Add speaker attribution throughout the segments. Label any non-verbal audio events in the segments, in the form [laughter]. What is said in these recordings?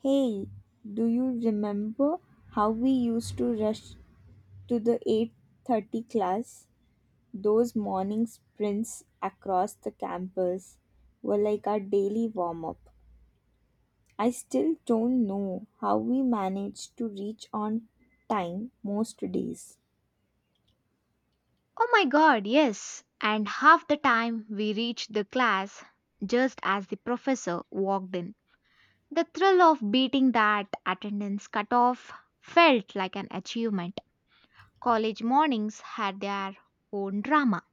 Speaker 1: Hey, do you remember how we used to rush to the 8:30 class? Those morning sprints across the campus were like our daily warm-up. I still don't know how we managed to reach on time most days.
Speaker 2: Oh my god, yes. And half the time we reached the class just as the professor walked in. The thrill of beating that attendance cutoff felt like an achievement. College mornings had their own drama.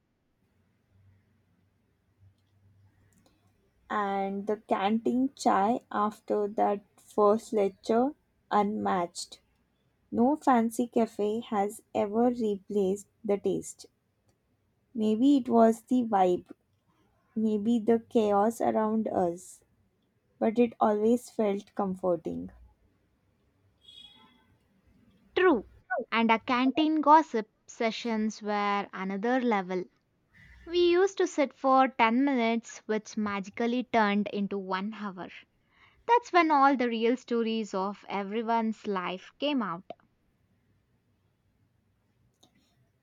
Speaker 1: And the canteen chai after that first lecture unmatched. No fancy cafe has ever replaced the taste. Maybe it was the vibe, maybe the chaos around us, but it always felt comforting.
Speaker 2: True. And our canteen gossip sessions were another level. We used to sit for 10 minutes, which magically turned into one hour. That's when all the real stories of everyone's life came out.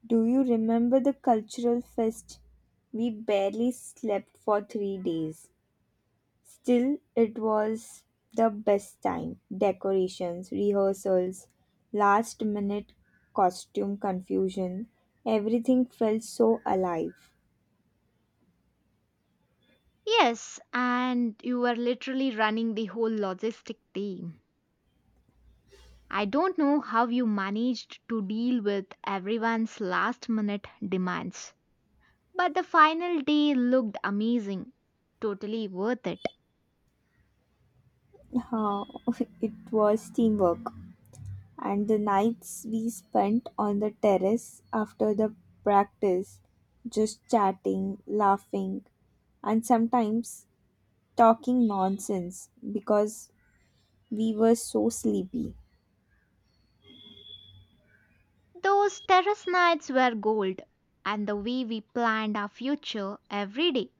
Speaker 1: Do you remember the cultural fest? We barely slept for 3 days. Still, it was the best time. Decorations, rehearsals, last minute costume confusion, everything felt so alive.
Speaker 2: Yes, and you were literally running the whole logistic team. I don't know how you managed to deal with everyone's last minute demands. But the final day looked amazing. Totally worth it.
Speaker 1: Huh, [laughs] it was teamwork. And the nights we spent on the terrace after the practice, just chatting, laughing, and sometimes talking nonsense because we were so sleepy.
Speaker 2: Those terrace nights were gold, and the way we planned our future every day.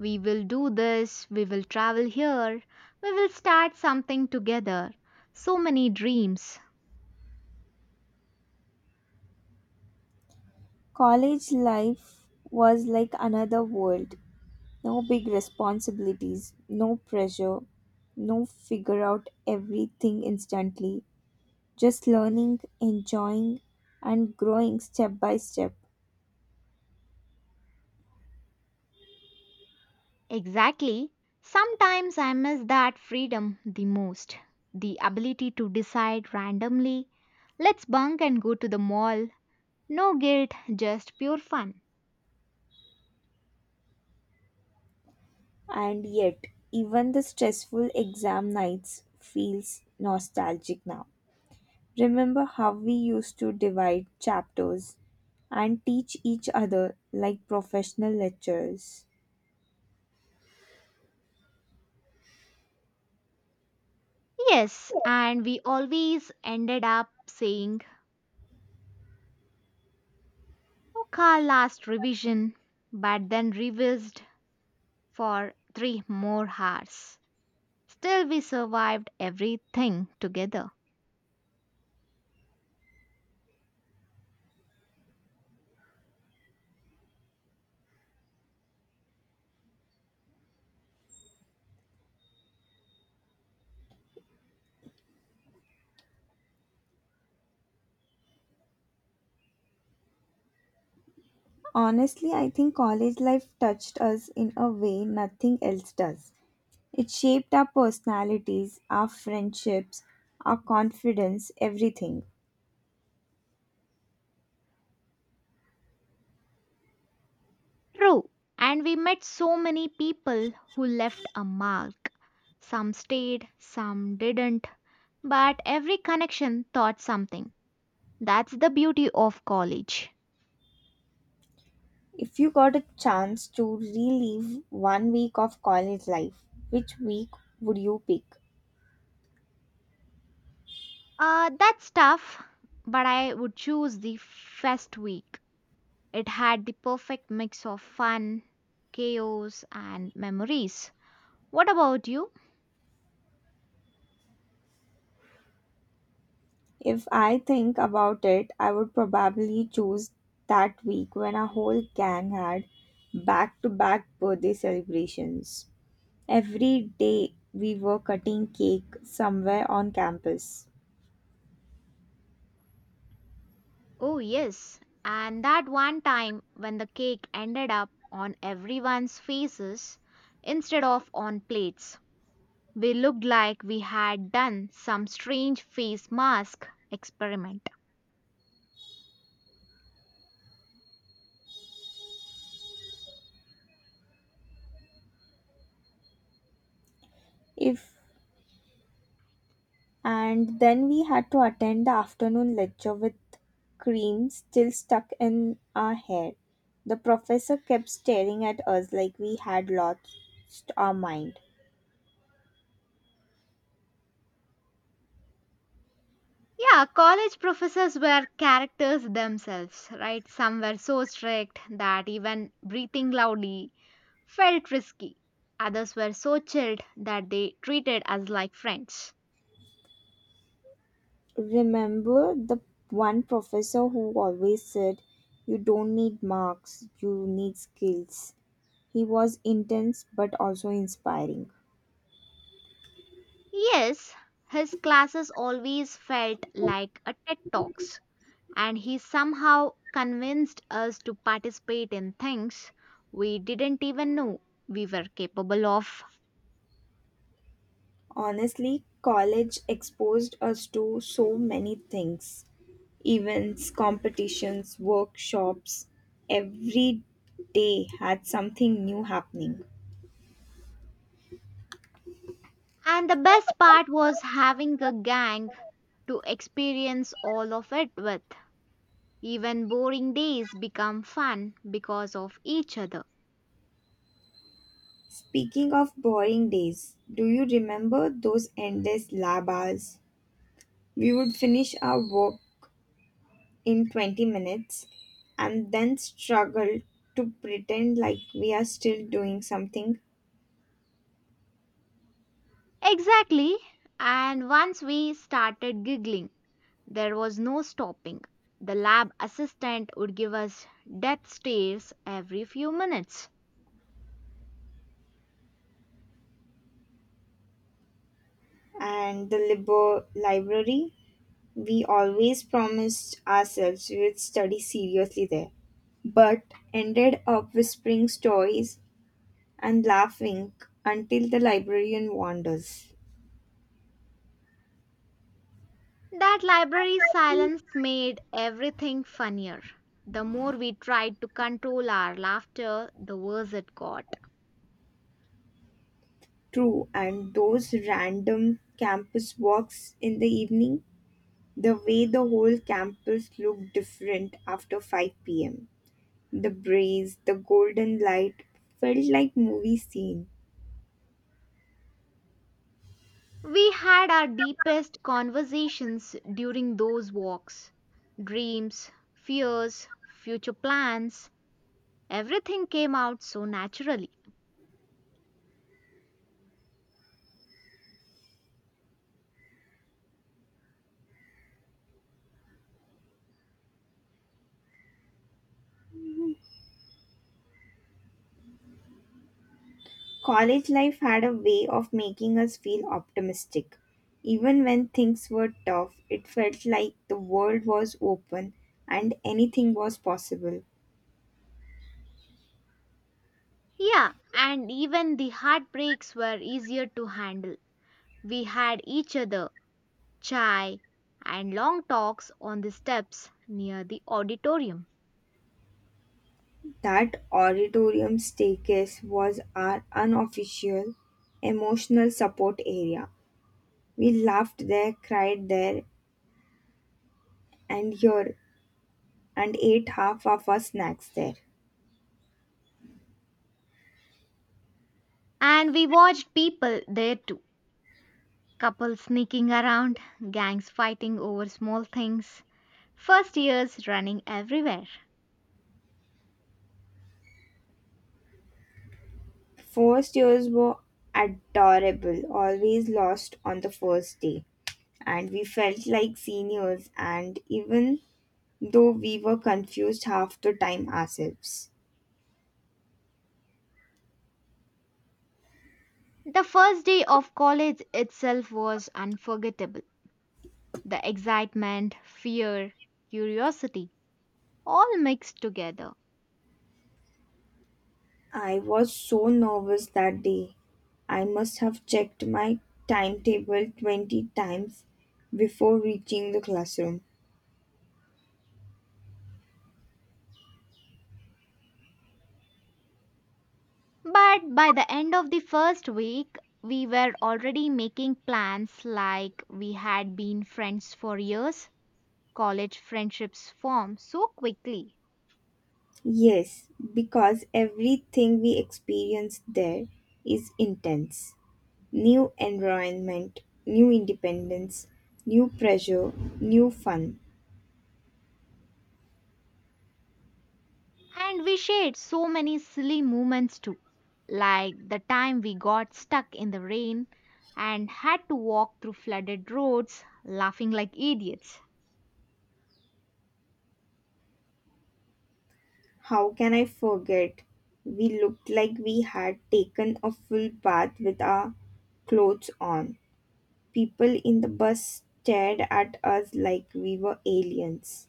Speaker 2: We will do this, we will travel here, we will start something together. So many dreams.
Speaker 1: College life was like another world. No big responsibilities, no pressure, no figure out everything instantly, just learning, enjoying, and growing step by step.
Speaker 2: Exactly. Sometimes I miss that freedom the most. The ability to decide randomly, let's bunk and go to the mall. No guilt, just pure fun.
Speaker 1: And yet, even the stressful exam nights feels nostalgic now. Remember how we used to divide chapters and teach each other like professional lecturers.
Speaker 2: Yes, and we always ended up saying, okay, last revision, but then revised for three more hours. Still, we survived everything together.
Speaker 1: Honestly, I think college life touched us in a way nothing else does. It shaped our personalities, our friendships, our confidence, everything.
Speaker 2: True, and we met so many people who left a mark. Some stayed, some didn't, but every connection taught something. That's the beauty of college.
Speaker 1: If you got a chance to relive one week of college life, which week would you pick?
Speaker 2: That's tough, but I would choose the first week. It had the perfect mix of fun, chaos, and memories. What about you?
Speaker 1: If I think about it, I would probably choose that week when our whole gang had back to back birthday celebrations. Every day we were cutting cake somewhere on campus.
Speaker 2: Oh, yes. And that one time when the cake ended up on everyone's faces instead of on plates, we looked like we had done some strange face mask experiment.
Speaker 1: If And then we had to attend the afternoon lecture with cream still stuck in our hair. The professor kept staring at us like we had lost our mind.
Speaker 2: Yeah, college professors were characters themselves, right? Some were so strict that even breathing loudly felt risky. Others were so chilled that they treated us like friends.
Speaker 1: Remember the one professor who always said, "You don't need marks, you need skills"? He was intense but also inspiring.
Speaker 2: Yes, his classes always felt like a TED Talks, and he somehow convinced us to participate in things we didn't even know we were capable of.
Speaker 1: Honestly, college exposed us to so many things: events, competitions, workshops. Every day had something new happening.
Speaker 2: And the best part was having a gang to experience all of it with. Even boring days become fun because of each other.
Speaker 1: Speaking of boring days, do you remember those endless lab hours? We would finish our work in 20 minutes and then struggle to pretend like we are still doing something.
Speaker 2: Exactly. And once we started giggling there was no stopping. The lab assistant would give us death stares every few minutes.
Speaker 1: And the library, we always promised ourselves we would study seriously there, but ended up whispering stories and laughing until the librarian wanders.
Speaker 2: That library silence made everything funnier. The more we tried to control our laughter, the worse it got.
Speaker 1: True, and those random campus walks in the evening, the way the whole campus looked different after 5 pm. The breeze, the golden light felt like movie scene.
Speaker 2: We had our deepest conversations during those walks. Dreams, fears, future plans, everything came out so naturally.
Speaker 1: College life had a way of making us feel optimistic. Even when things were tough, it felt like the world was open and anything was possible.
Speaker 2: Yeah, and even the heartbreaks were easier to handle. We had each other, chai, and long talks on the steps near the auditorium.
Speaker 1: That auditorium staircase was our unofficial emotional support area. We laughed there, cried there, and here, and ate half of our snacks there.
Speaker 2: And we watched people there too, couples sneaking around, gangs fighting over small things, first years running everywhere.
Speaker 1: First years were adorable, always lost on the first day, and we felt like seniors, and even though we were confused half the time ourselves.
Speaker 2: The first day of college itself was unforgettable. The excitement, fear, curiosity all mixed together.
Speaker 1: I was so nervous that day. I must have checked my timetable 20 times before reaching the classroom.
Speaker 2: But by the end of the first week, we were already making plans like we had been friends for years. College friendships form so quickly.
Speaker 1: Yes, because everything we experience there is intense. New environment, new independence, new pressure, new fun.
Speaker 2: And we shared so many silly moments too, like the time we got stuck in the rain and had to walk through flooded roads, laughing like idiots.
Speaker 1: How can I forget? We looked like we had taken a full bath with our clothes on. People in the bus stared at us like we were aliens.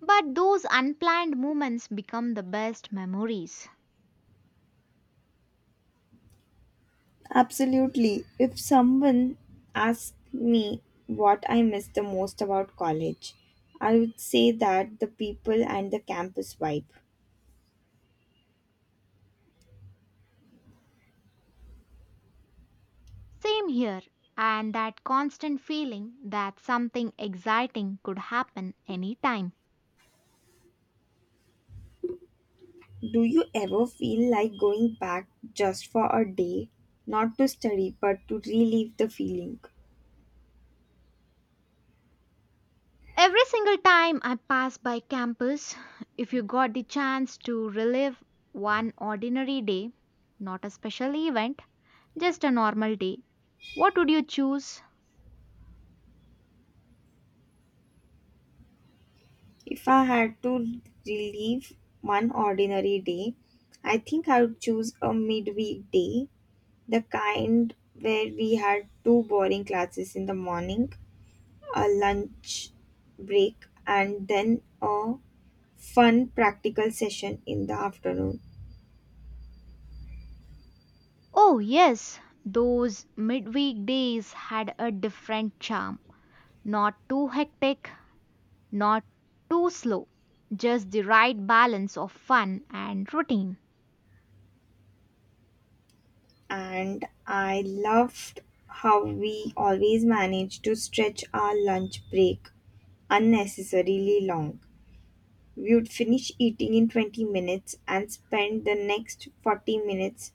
Speaker 2: But those unplanned moments become the best memories.
Speaker 1: Absolutely. If someone asked me what I miss the most about college, I would say that the people and the campus vibe.
Speaker 2: Same here, and that constant feeling that something exciting could happen anytime.
Speaker 1: Do you ever feel like going back just for a day? Not to study, but to relive the feeling.
Speaker 2: Every single time I pass by campus, if you got the chance to relive one ordinary day, not a special event, just a normal day, what would you choose?
Speaker 1: If I had to relive one ordinary day, I think I would choose a midweek day, the kind where we had two boring classes in the morning, a lunch break, and then a fun practical session in the afternoon.
Speaker 2: Oh, yes, those midweek days had a different charm. Not too hectic, not too slow, just the right balance of fun and routine.
Speaker 1: And I loved how we always managed to stretch our lunch break unnecessarily long. We would finish eating in 20 minutes and spend the next 40 minutes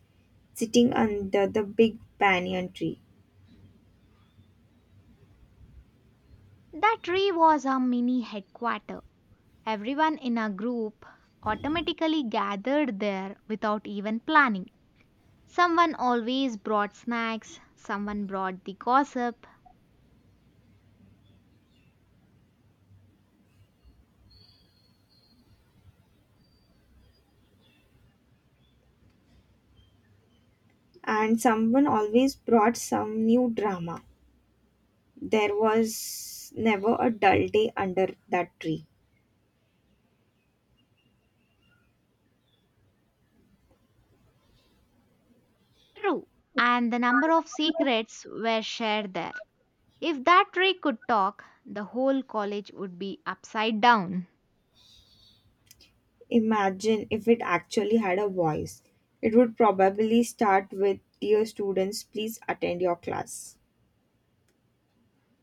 Speaker 1: sitting under the big banyan tree.
Speaker 2: That tree was a mini headquarter. Everyone in a group automatically gathered there without even planning. Someone always brought snacks, someone brought the gossip.
Speaker 1: And someone always brought some new drama. There was never a dull day under that tree.
Speaker 2: True. And the number of secrets were shared there. If that tree could talk, the whole college would be upside down.
Speaker 1: Imagine if it actually had a voice. It would probably start with, "Dear students, please attend your class."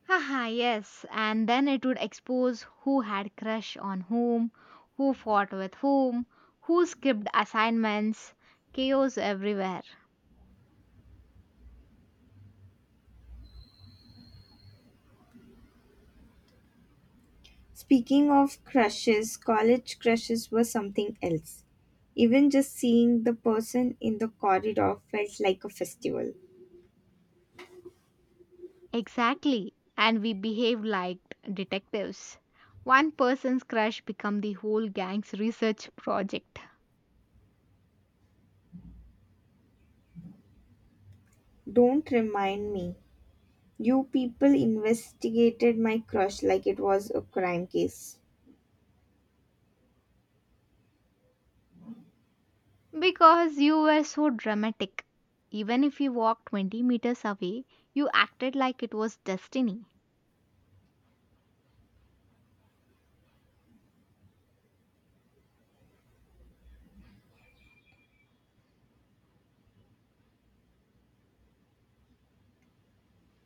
Speaker 2: Haha, yes, and then it would expose who had crush on whom, who fought with whom, who skipped assignments, chaos everywhere.
Speaker 1: Speaking of crushes, college crushes were something else. Even just seeing the person in the corridor felt like a festival.
Speaker 2: Exactly, and we behaved like detectives. One person's crush become the whole gang's research project
Speaker 1: Don't remind me. You people investigated my crush like it was a crime case.
Speaker 2: because you were so dramatic. Even if you walked 20 meters away, you acted like it was destiny.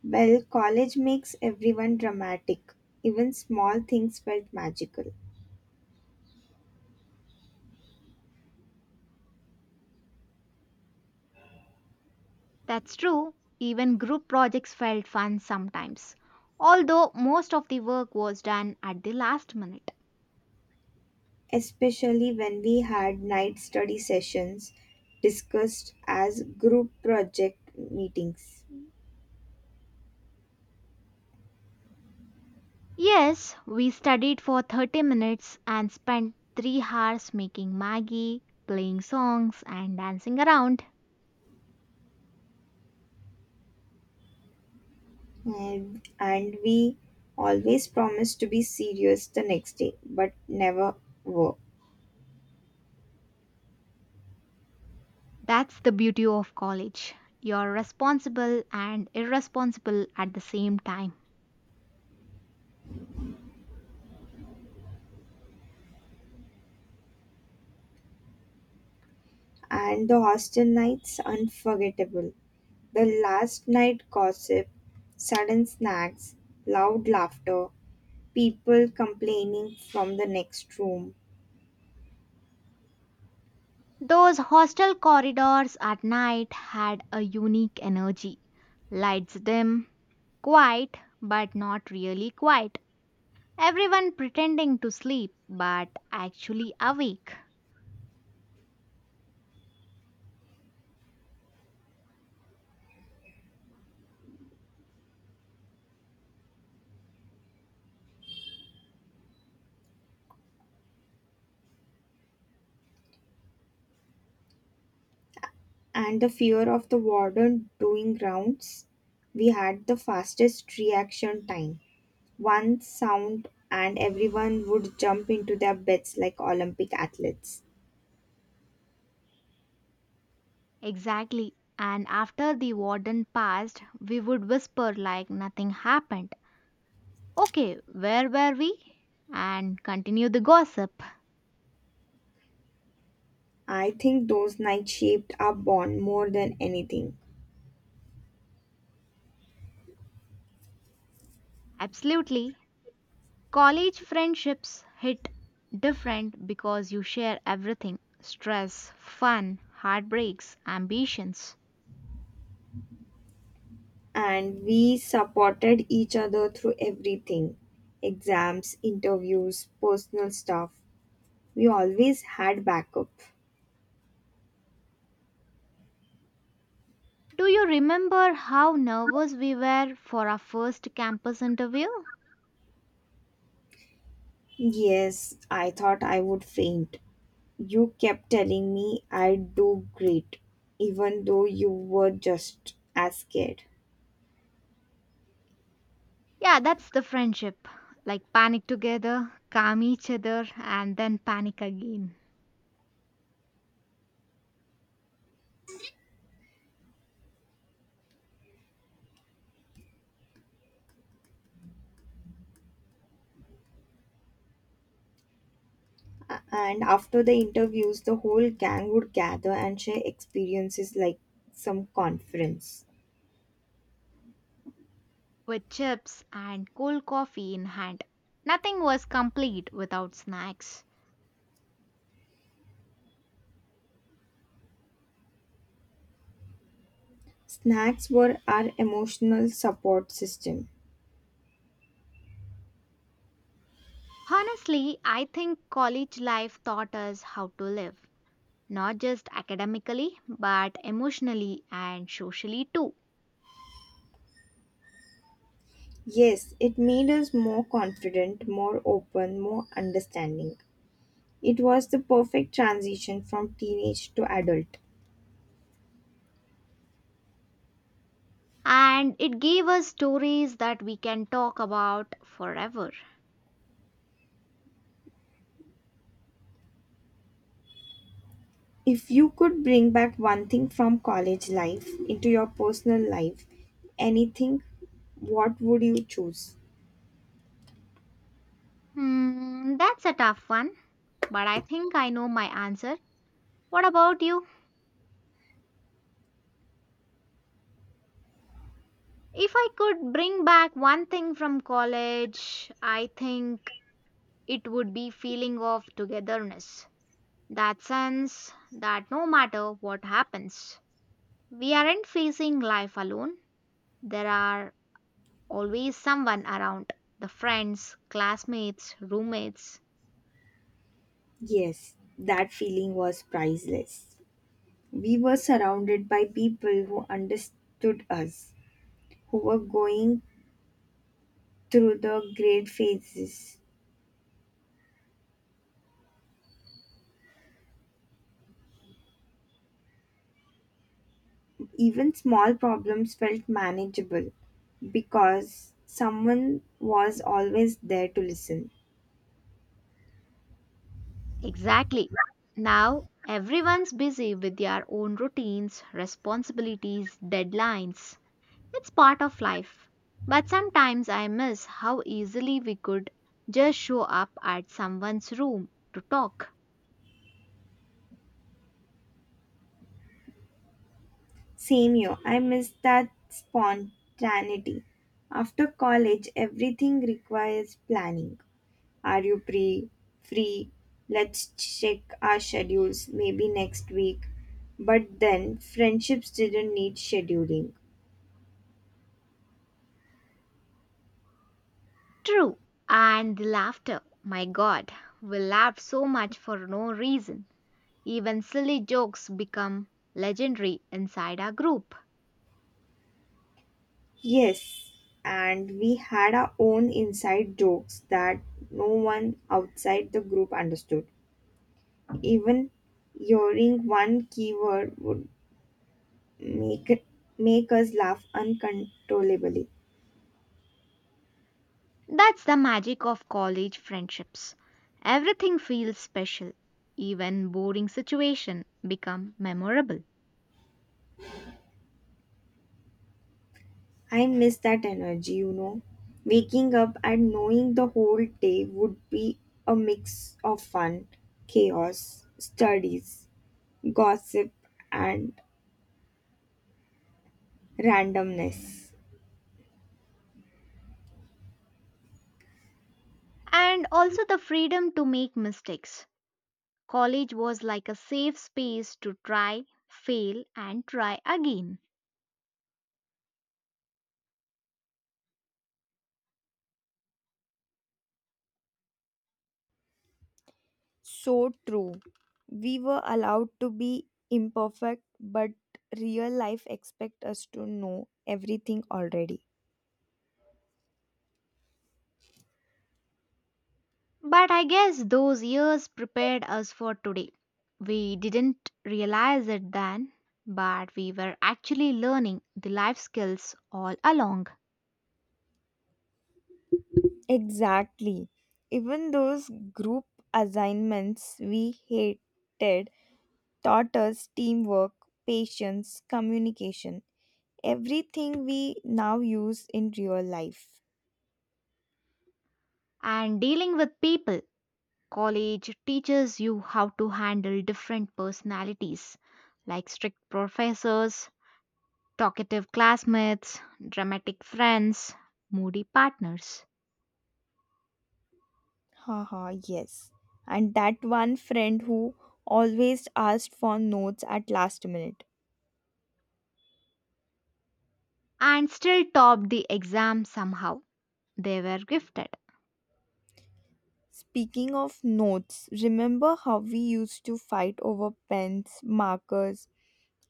Speaker 1: Well, college makes everyone dramatic. Even small things felt magical.
Speaker 2: That's true, even group projects felt fun sometimes, although most of the work was done at the last minute.
Speaker 1: Especially when we had night study sessions discussed as group project meetings.
Speaker 2: Yes, we studied for 30 minutes and spent 3 hours making Maggie, playing songs, and dancing around.
Speaker 1: And we always promised to be serious the next day, but never were.
Speaker 2: That's the beauty of college. You're responsible and irresponsible at the same time.
Speaker 1: And the hostel nights unforgettable. The last night gossip, sudden snacks, loud laughter, people complaining from the next room.
Speaker 2: Those hostel corridors at night had a unique energy. Lights dim, quiet, but not really quiet. Everyone pretending to sleep but actually awake.
Speaker 1: And the fear of the warden doing rounds, we had the fastest reaction time. One sound, and everyone would jump into their beds like Olympic athletes.
Speaker 2: Exactly. And after the warden passed, we would whisper like nothing happened. Okay, where were we? And continue the gossip.
Speaker 1: I think those nights shaped our bond more than anything,
Speaker 2: Absolutely. College friendships hit different because you share everything stress, fun, heartbreaks, ambitions.
Speaker 1: and we supported each other through everything: exams, interviews, personal stuff. We always had backup.
Speaker 2: Do you remember how nervous we were for our first campus interview?
Speaker 1: Yes, I thought I would faint. You kept telling me I'd do great, even though you were just as scared.
Speaker 2: Yeah, that's the friendship. Like panic together, calm each other, and then panic again.
Speaker 1: And after the interviews, the whole gang would gather and share experiences like some conference.
Speaker 2: With chips and cold coffee in hand. Nothing was complete without snacks.
Speaker 1: Snacks were our emotional support system.
Speaker 2: Honestly, I think college life taught us how to live, not just academically, but emotionally and socially too.
Speaker 1: Yes, it made us more confident, more open, more understanding. It was the perfect transition from teenage to adult.
Speaker 2: And it gave us stories that we can talk about forever.
Speaker 1: If you could bring back one thing from college life into your personal life, anything, what would you choose?
Speaker 2: Hmm, that's a tough one, but I think I know my answer. What about you? If I could bring back one thing from college, I think it would be feeling of togetherness. That sense that no matter what happens, we aren't facing life alone. There are always someone around. The friends, classmates, roommates.
Speaker 1: Yes, that feeling was priceless. We were surrounded by people who understood us, who were going through the great phases. Even small problems felt manageable because someone was always there to listen.
Speaker 2: Exactly. Now everyone's busy with their own routines, responsibilities, deadlines. It's part of life. But sometimes I miss how easily we could just show up at someone's room to talk.
Speaker 1: Same here. I miss that spontaneity. After college, everything requires planning. Are you pre free? Let's check our schedules. Maybe next week. But then, friendships didn't need scheduling.
Speaker 2: True. And the laughter. My god, we laugh so much for no reason. Even silly jokes become legendary inside our group.
Speaker 1: Yes, and we had our own inside jokes that no one outside the group understood. Even hearing one keyword would make make us laugh uncontrollably.
Speaker 2: That's the magic of college friendships. Everything feels special. Even boring situation become memorable.
Speaker 1: I miss that energy, you know. Waking up and knowing the whole day would be a mix of fun, chaos, studies, gossip, and randomness.
Speaker 2: And also the freedom to make mistakes. College was like a safe space to try, fail, and try again.
Speaker 1: So true. We were allowed to be imperfect, but real life expect us to know everything already.
Speaker 2: But I guess those years prepared us for today. We didn't realize it then, but we were actually learning the life skills all along.
Speaker 1: Exactly. Even those group assignments we hated taught us teamwork, patience, communication, everything we now use in real life.
Speaker 2: And dealing with people, college teaches you how to handle different personalities, like strict professors, talkative classmates, dramatic friends, moody partners.
Speaker 1: Haha, yes. And that one friend who always asked for notes at last minute.
Speaker 2: And still topped the exam somehow. They were gifted.
Speaker 1: Speaking of notes, remember how we used to fight over pens, markers,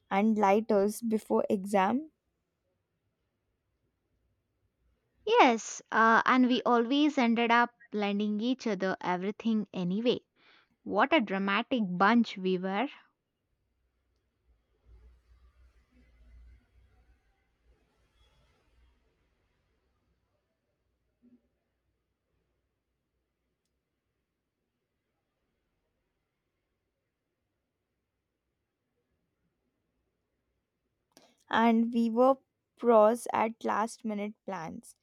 Speaker 1: and lighters before exam?
Speaker 2: Yes, and we always ended up lending each other everything anyway. What a dramatic bunch we were.
Speaker 1: And we were pros at last minute plans.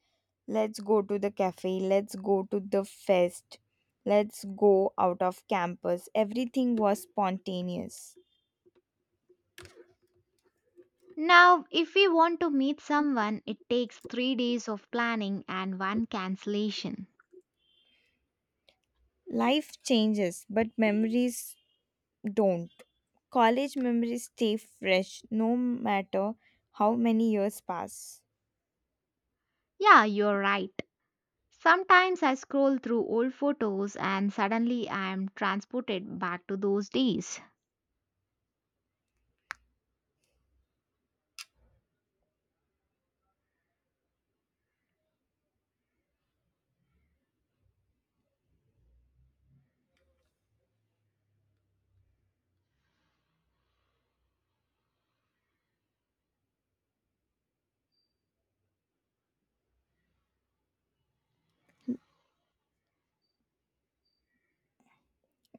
Speaker 1: Let's go to the cafe, let's go to the fest, let's go out of campus. Everything was spontaneous.
Speaker 2: Now, if we want to meet someone, it takes 3 days of planning and one cancellation.
Speaker 1: Life changes, but memories don't. College memories stay fresh no matter how many years pass.
Speaker 2: Yeah, you're right. Sometimes I scroll through old photos and suddenly I am transported back to those days.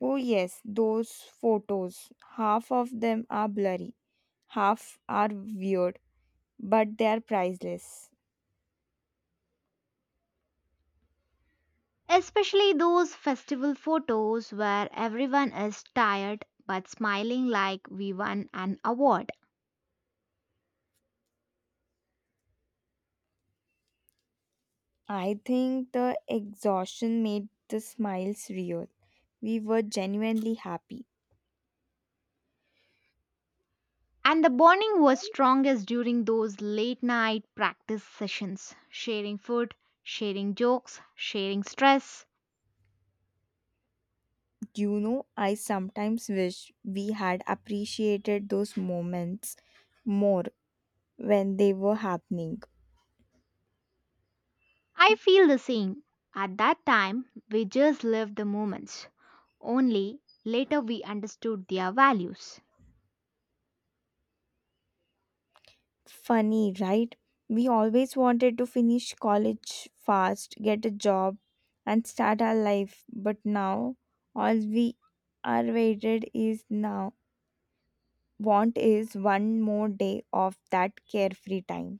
Speaker 1: Oh, yes, those photos. Half of them are blurry, half are weird, but they are priceless.
Speaker 2: Especially those festival photos where everyone is tired but smiling like we won an award.
Speaker 1: I think the exhaustion made the smiles real. We were genuinely happy.
Speaker 2: And the bonding was strongest during those late night practice sessions, sharing food, sharing jokes, sharing stress.
Speaker 1: Do you know, I sometimes wish we had appreciated those moments more when they were happening.
Speaker 2: I feel the same. At that time, we just lived the moments. Only later we understood their values.
Speaker 1: Funny, right? We always wanted to finish college fast, get a job, and start our life, but now all we are waited is now want is one more day of that carefree time.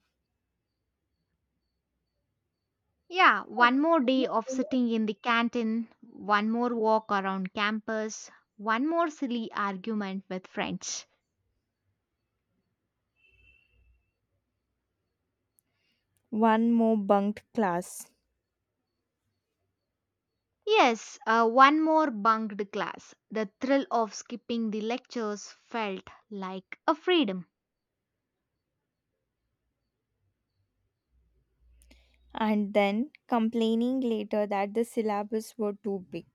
Speaker 2: Yeah, one more day of sitting in the canteen, one more walk around campus, one more silly argument with friends.
Speaker 1: One more bunked class,
Speaker 2: Yes, one more bunked class. The thrill of skipping the lectures felt like a freedom.
Speaker 1: and then complaining later that the syllabus were too big.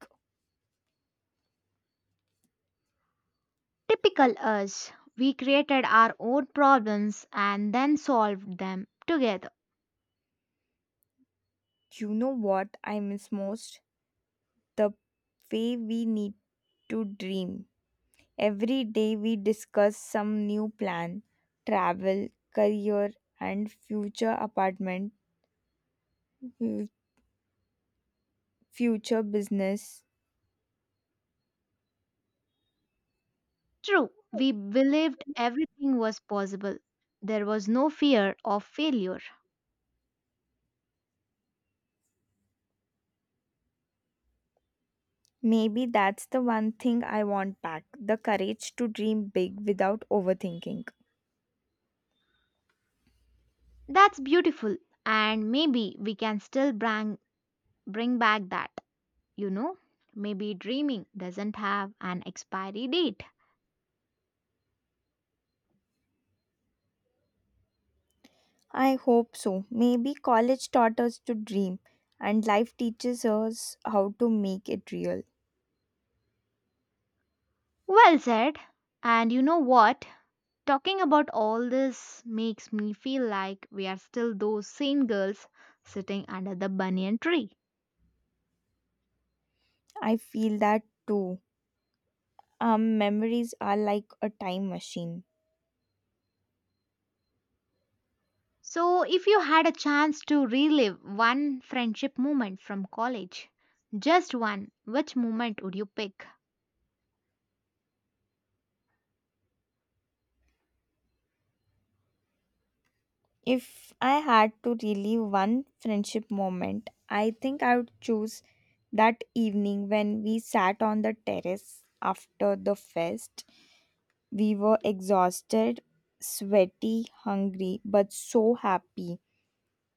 Speaker 2: Typical us, we created our own problems and then solved them together.
Speaker 1: You know what I miss most? The way we need to dream. Every day we discuss some new plan, travel, career, and future apartment, fu- future business.
Speaker 2: True, we believed everything was possible. There was no fear of failure.
Speaker 1: Maybe that's the one thing I want back: the courage to dream big without overthinking.
Speaker 2: That's beautiful. And maybe we can still bring back that, you know. Maybe dreaming doesn't have an expiry date.
Speaker 1: I hope so. Maybe college taught us to dream and life teaches us how to make it real.
Speaker 2: Well said. And you know what? Talking about all this makes me feel like we are still those same girls sitting under the banyan tree.
Speaker 1: I feel that too. Our memories are like a time machine.
Speaker 2: So, if you had a chance to relive one friendship moment from college, just one, which moment would you pick?
Speaker 1: If I had to relive one friendship moment, I think I would choose that evening when we sat on the terrace after the fest. We were exhausted, sweaty, hungry, but so happy.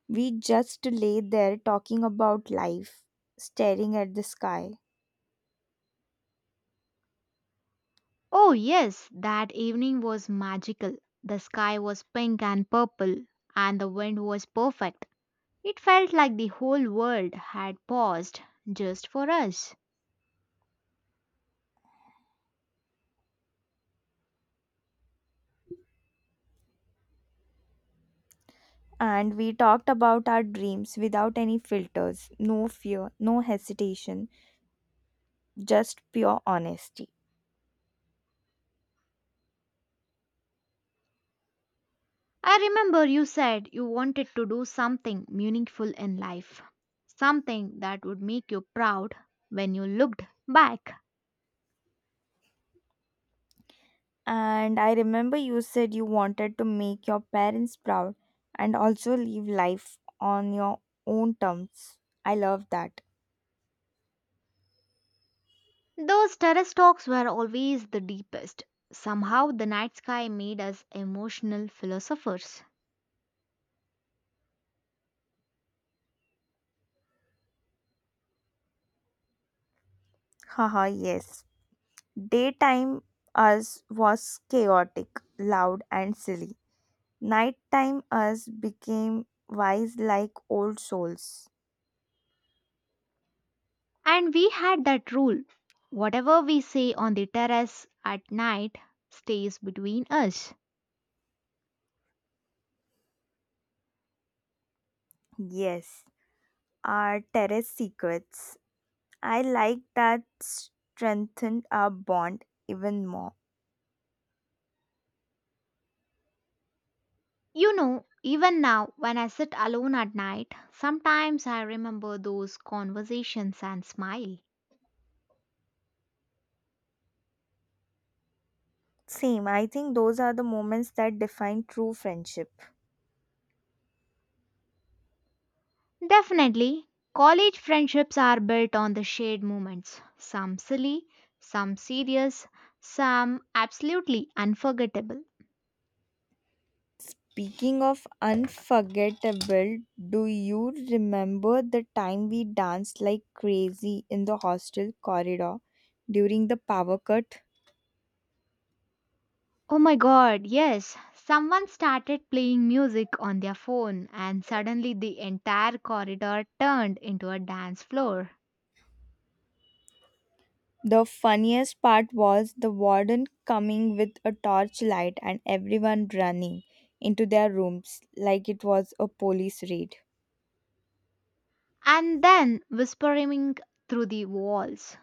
Speaker 1: We just lay there talking about life, staring at the sky.
Speaker 2: Oh, yes, that evening was magical. The sky was pink and purple, and the wind was perfect. It felt like the whole world had paused just for us.
Speaker 1: And we talked about our dreams without any filters, no fear, no hesitation, just pure honesty.
Speaker 2: I remember you said you wanted to do something meaningful in life, something that would make you proud when you looked back.
Speaker 1: And I remember you said you wanted to make your parents proud and also live life on your own terms. I love that.
Speaker 2: Those terrace talks were always the deepest. Somehow, the night sky made us emotional philosophers.
Speaker 1: Haha, yes. Daytime us was chaotic, loud, and silly. Nighttime us became wise like old souls.
Speaker 2: And we had that rule whatever we say on the terrace at night stays between us.
Speaker 1: Yes, our terrace secrets. I like that strengthened our bond even more.
Speaker 2: You know, even now, when I sit alone at night, sometimes I remember those conversations and smile.
Speaker 1: Same, I think those are the moments that define true friendship.
Speaker 2: Definitely, college friendships are built on the shared moments some silly, some serious, some absolutely unforgettable.
Speaker 1: Speaking of unforgettable, do you remember the time we danced like crazy in the hostel corridor during the power cut?
Speaker 2: Oh my god, yes. Someone started playing music on their phone, and suddenly the entire corridor turned into a dance floor.
Speaker 1: The funniest part was the warden coming with a torchlight and everyone running into their rooms like it was a police raid.
Speaker 2: And then whispering through the walls.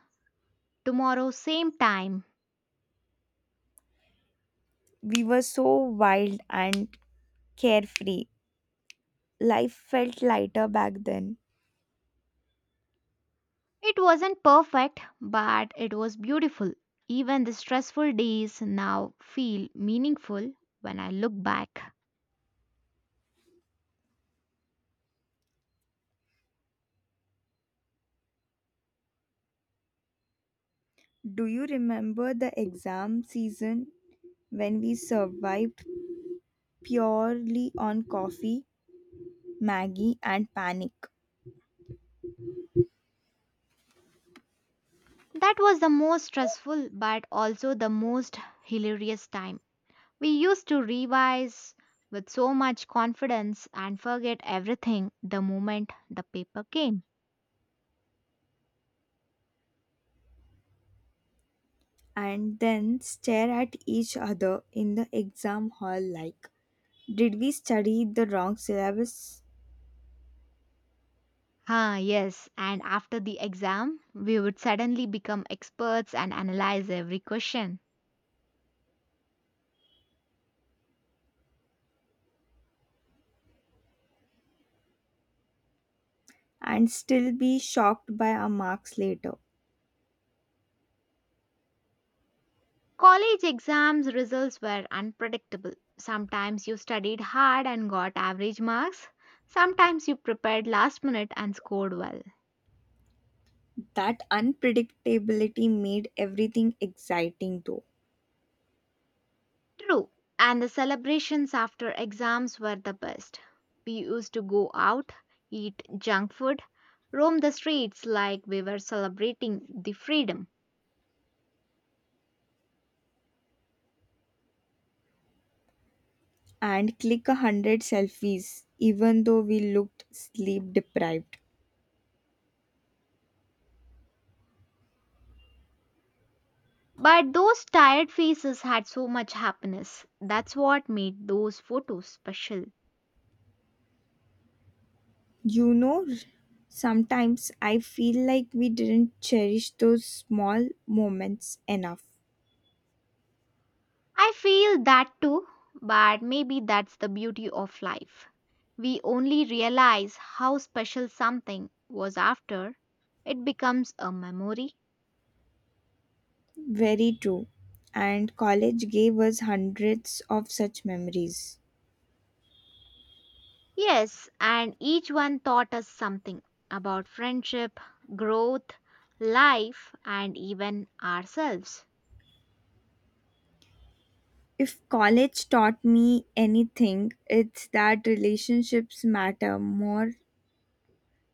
Speaker 2: Tomorrow, same time.
Speaker 1: We were so wild and carefree. Life felt lighter back then.
Speaker 2: It wasn't perfect, but it was beautiful. Even the stressful days now feel meaningful when I look back.
Speaker 1: Do you remember the exam season when we survived purely on coffee, Maggie, and panic,
Speaker 2: That was the most stressful, but also the most hilarious time. We used to revise with so much confidence and forget everything the moment the paper came.
Speaker 1: and then stare at each other in the exam hall like, "Did we study the wrong syllabus?"
Speaker 2: Ah, yes, and after the exam, we would suddenly become experts and analyze every question.
Speaker 1: And still be shocked by our marks later?
Speaker 2: College exams results were unpredictable. Sometimes you studied hard and got average marks. Sometimes you prepared last minute and scored well.
Speaker 1: That unpredictability made everything exciting though.
Speaker 2: True. And the celebrations after exams were the best. We used to go out, eat junk food, roam the streets like we were celebrating the freedom.
Speaker 1: And click 100 selfies, even though we looked sleep deprived.
Speaker 2: But those tired faces had so much happiness. That's what made those photos special.
Speaker 1: You know, sometimes I feel like we didn't cherish those small moments enough.
Speaker 2: I feel that too, but maybe that's the beauty of life. We only realize how special something was after it becomes a memory.
Speaker 1: Very true. And college gave us hundreds of such memories.
Speaker 2: Yes, and each one taught us something about friendship, growth, life, and even ourselves.
Speaker 1: If college taught me anything, it's that relationships matter more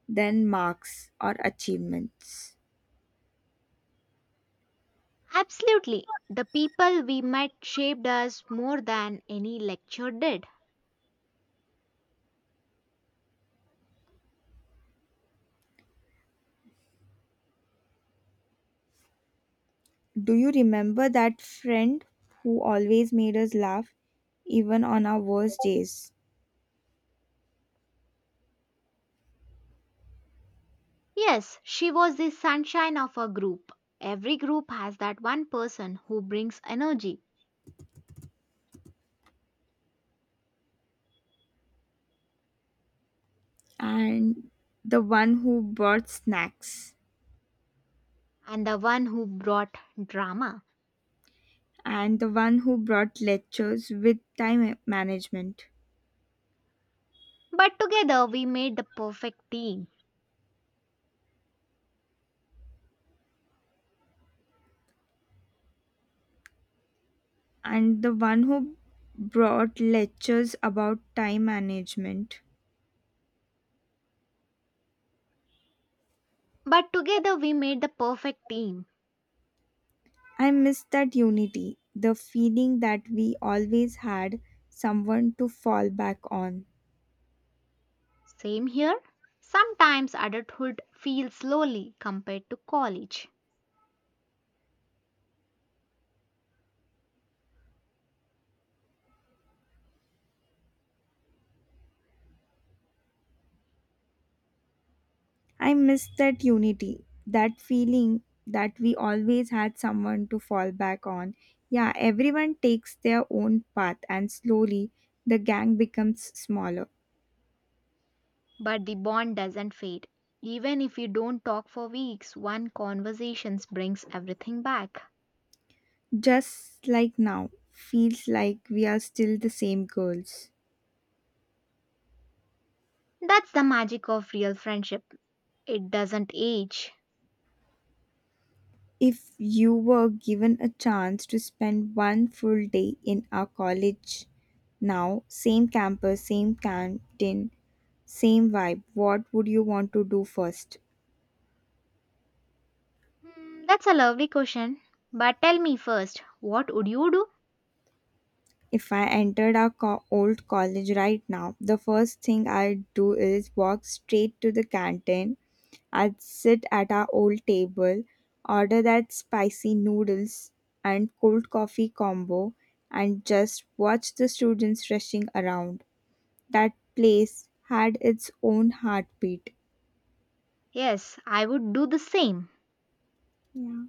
Speaker 1: than marks or achievements.
Speaker 2: Absolutely, the people we met shaped us more than any lecture did.
Speaker 1: Do you remember that friend who always made us laugh, even on our worst days?
Speaker 2: Yes, she was the sunshine of a group. Every group has that one person who brings energy
Speaker 1: And the one who brought snacks,
Speaker 2: and the one who brought drama.
Speaker 1: and the one who brought lectures with time management,
Speaker 2: But together we made the perfect team.
Speaker 1: and the one who brought lectures about time management.
Speaker 2: But together we made the perfect team.
Speaker 1: I miss that unity, the feeling that we always had someone to fall back on.
Speaker 2: Same here. Sometimes adulthood feels lonely compared to college,
Speaker 1: I miss that unity, that feeling that we always had someone to fall back on. Yeah, everyone takes their own path, and slowly the gang becomes smaller.
Speaker 2: but the bond doesn't fade. Even if you don't talk for weeks, one conversation brings everything back.
Speaker 1: Just like now, feels like we are still the same girls.
Speaker 2: That's the magic of real friendship. It doesn't age.
Speaker 1: If you were given a chance to spend one full day in our college now, same campus, same canteen, same vibe, what would you want to do first?
Speaker 2: Hmm, that's a lovely question. But tell me first, what would you do?
Speaker 1: If I entered our old college right now, the first thing I'd do is walk straight to the canteen. I'd sit at our old table, order that spicy noodles and cold coffee combo, and just watch the students rushing around. That place had its own heartbeat.
Speaker 2: Yes, I would do the same.
Speaker 1: Yeah.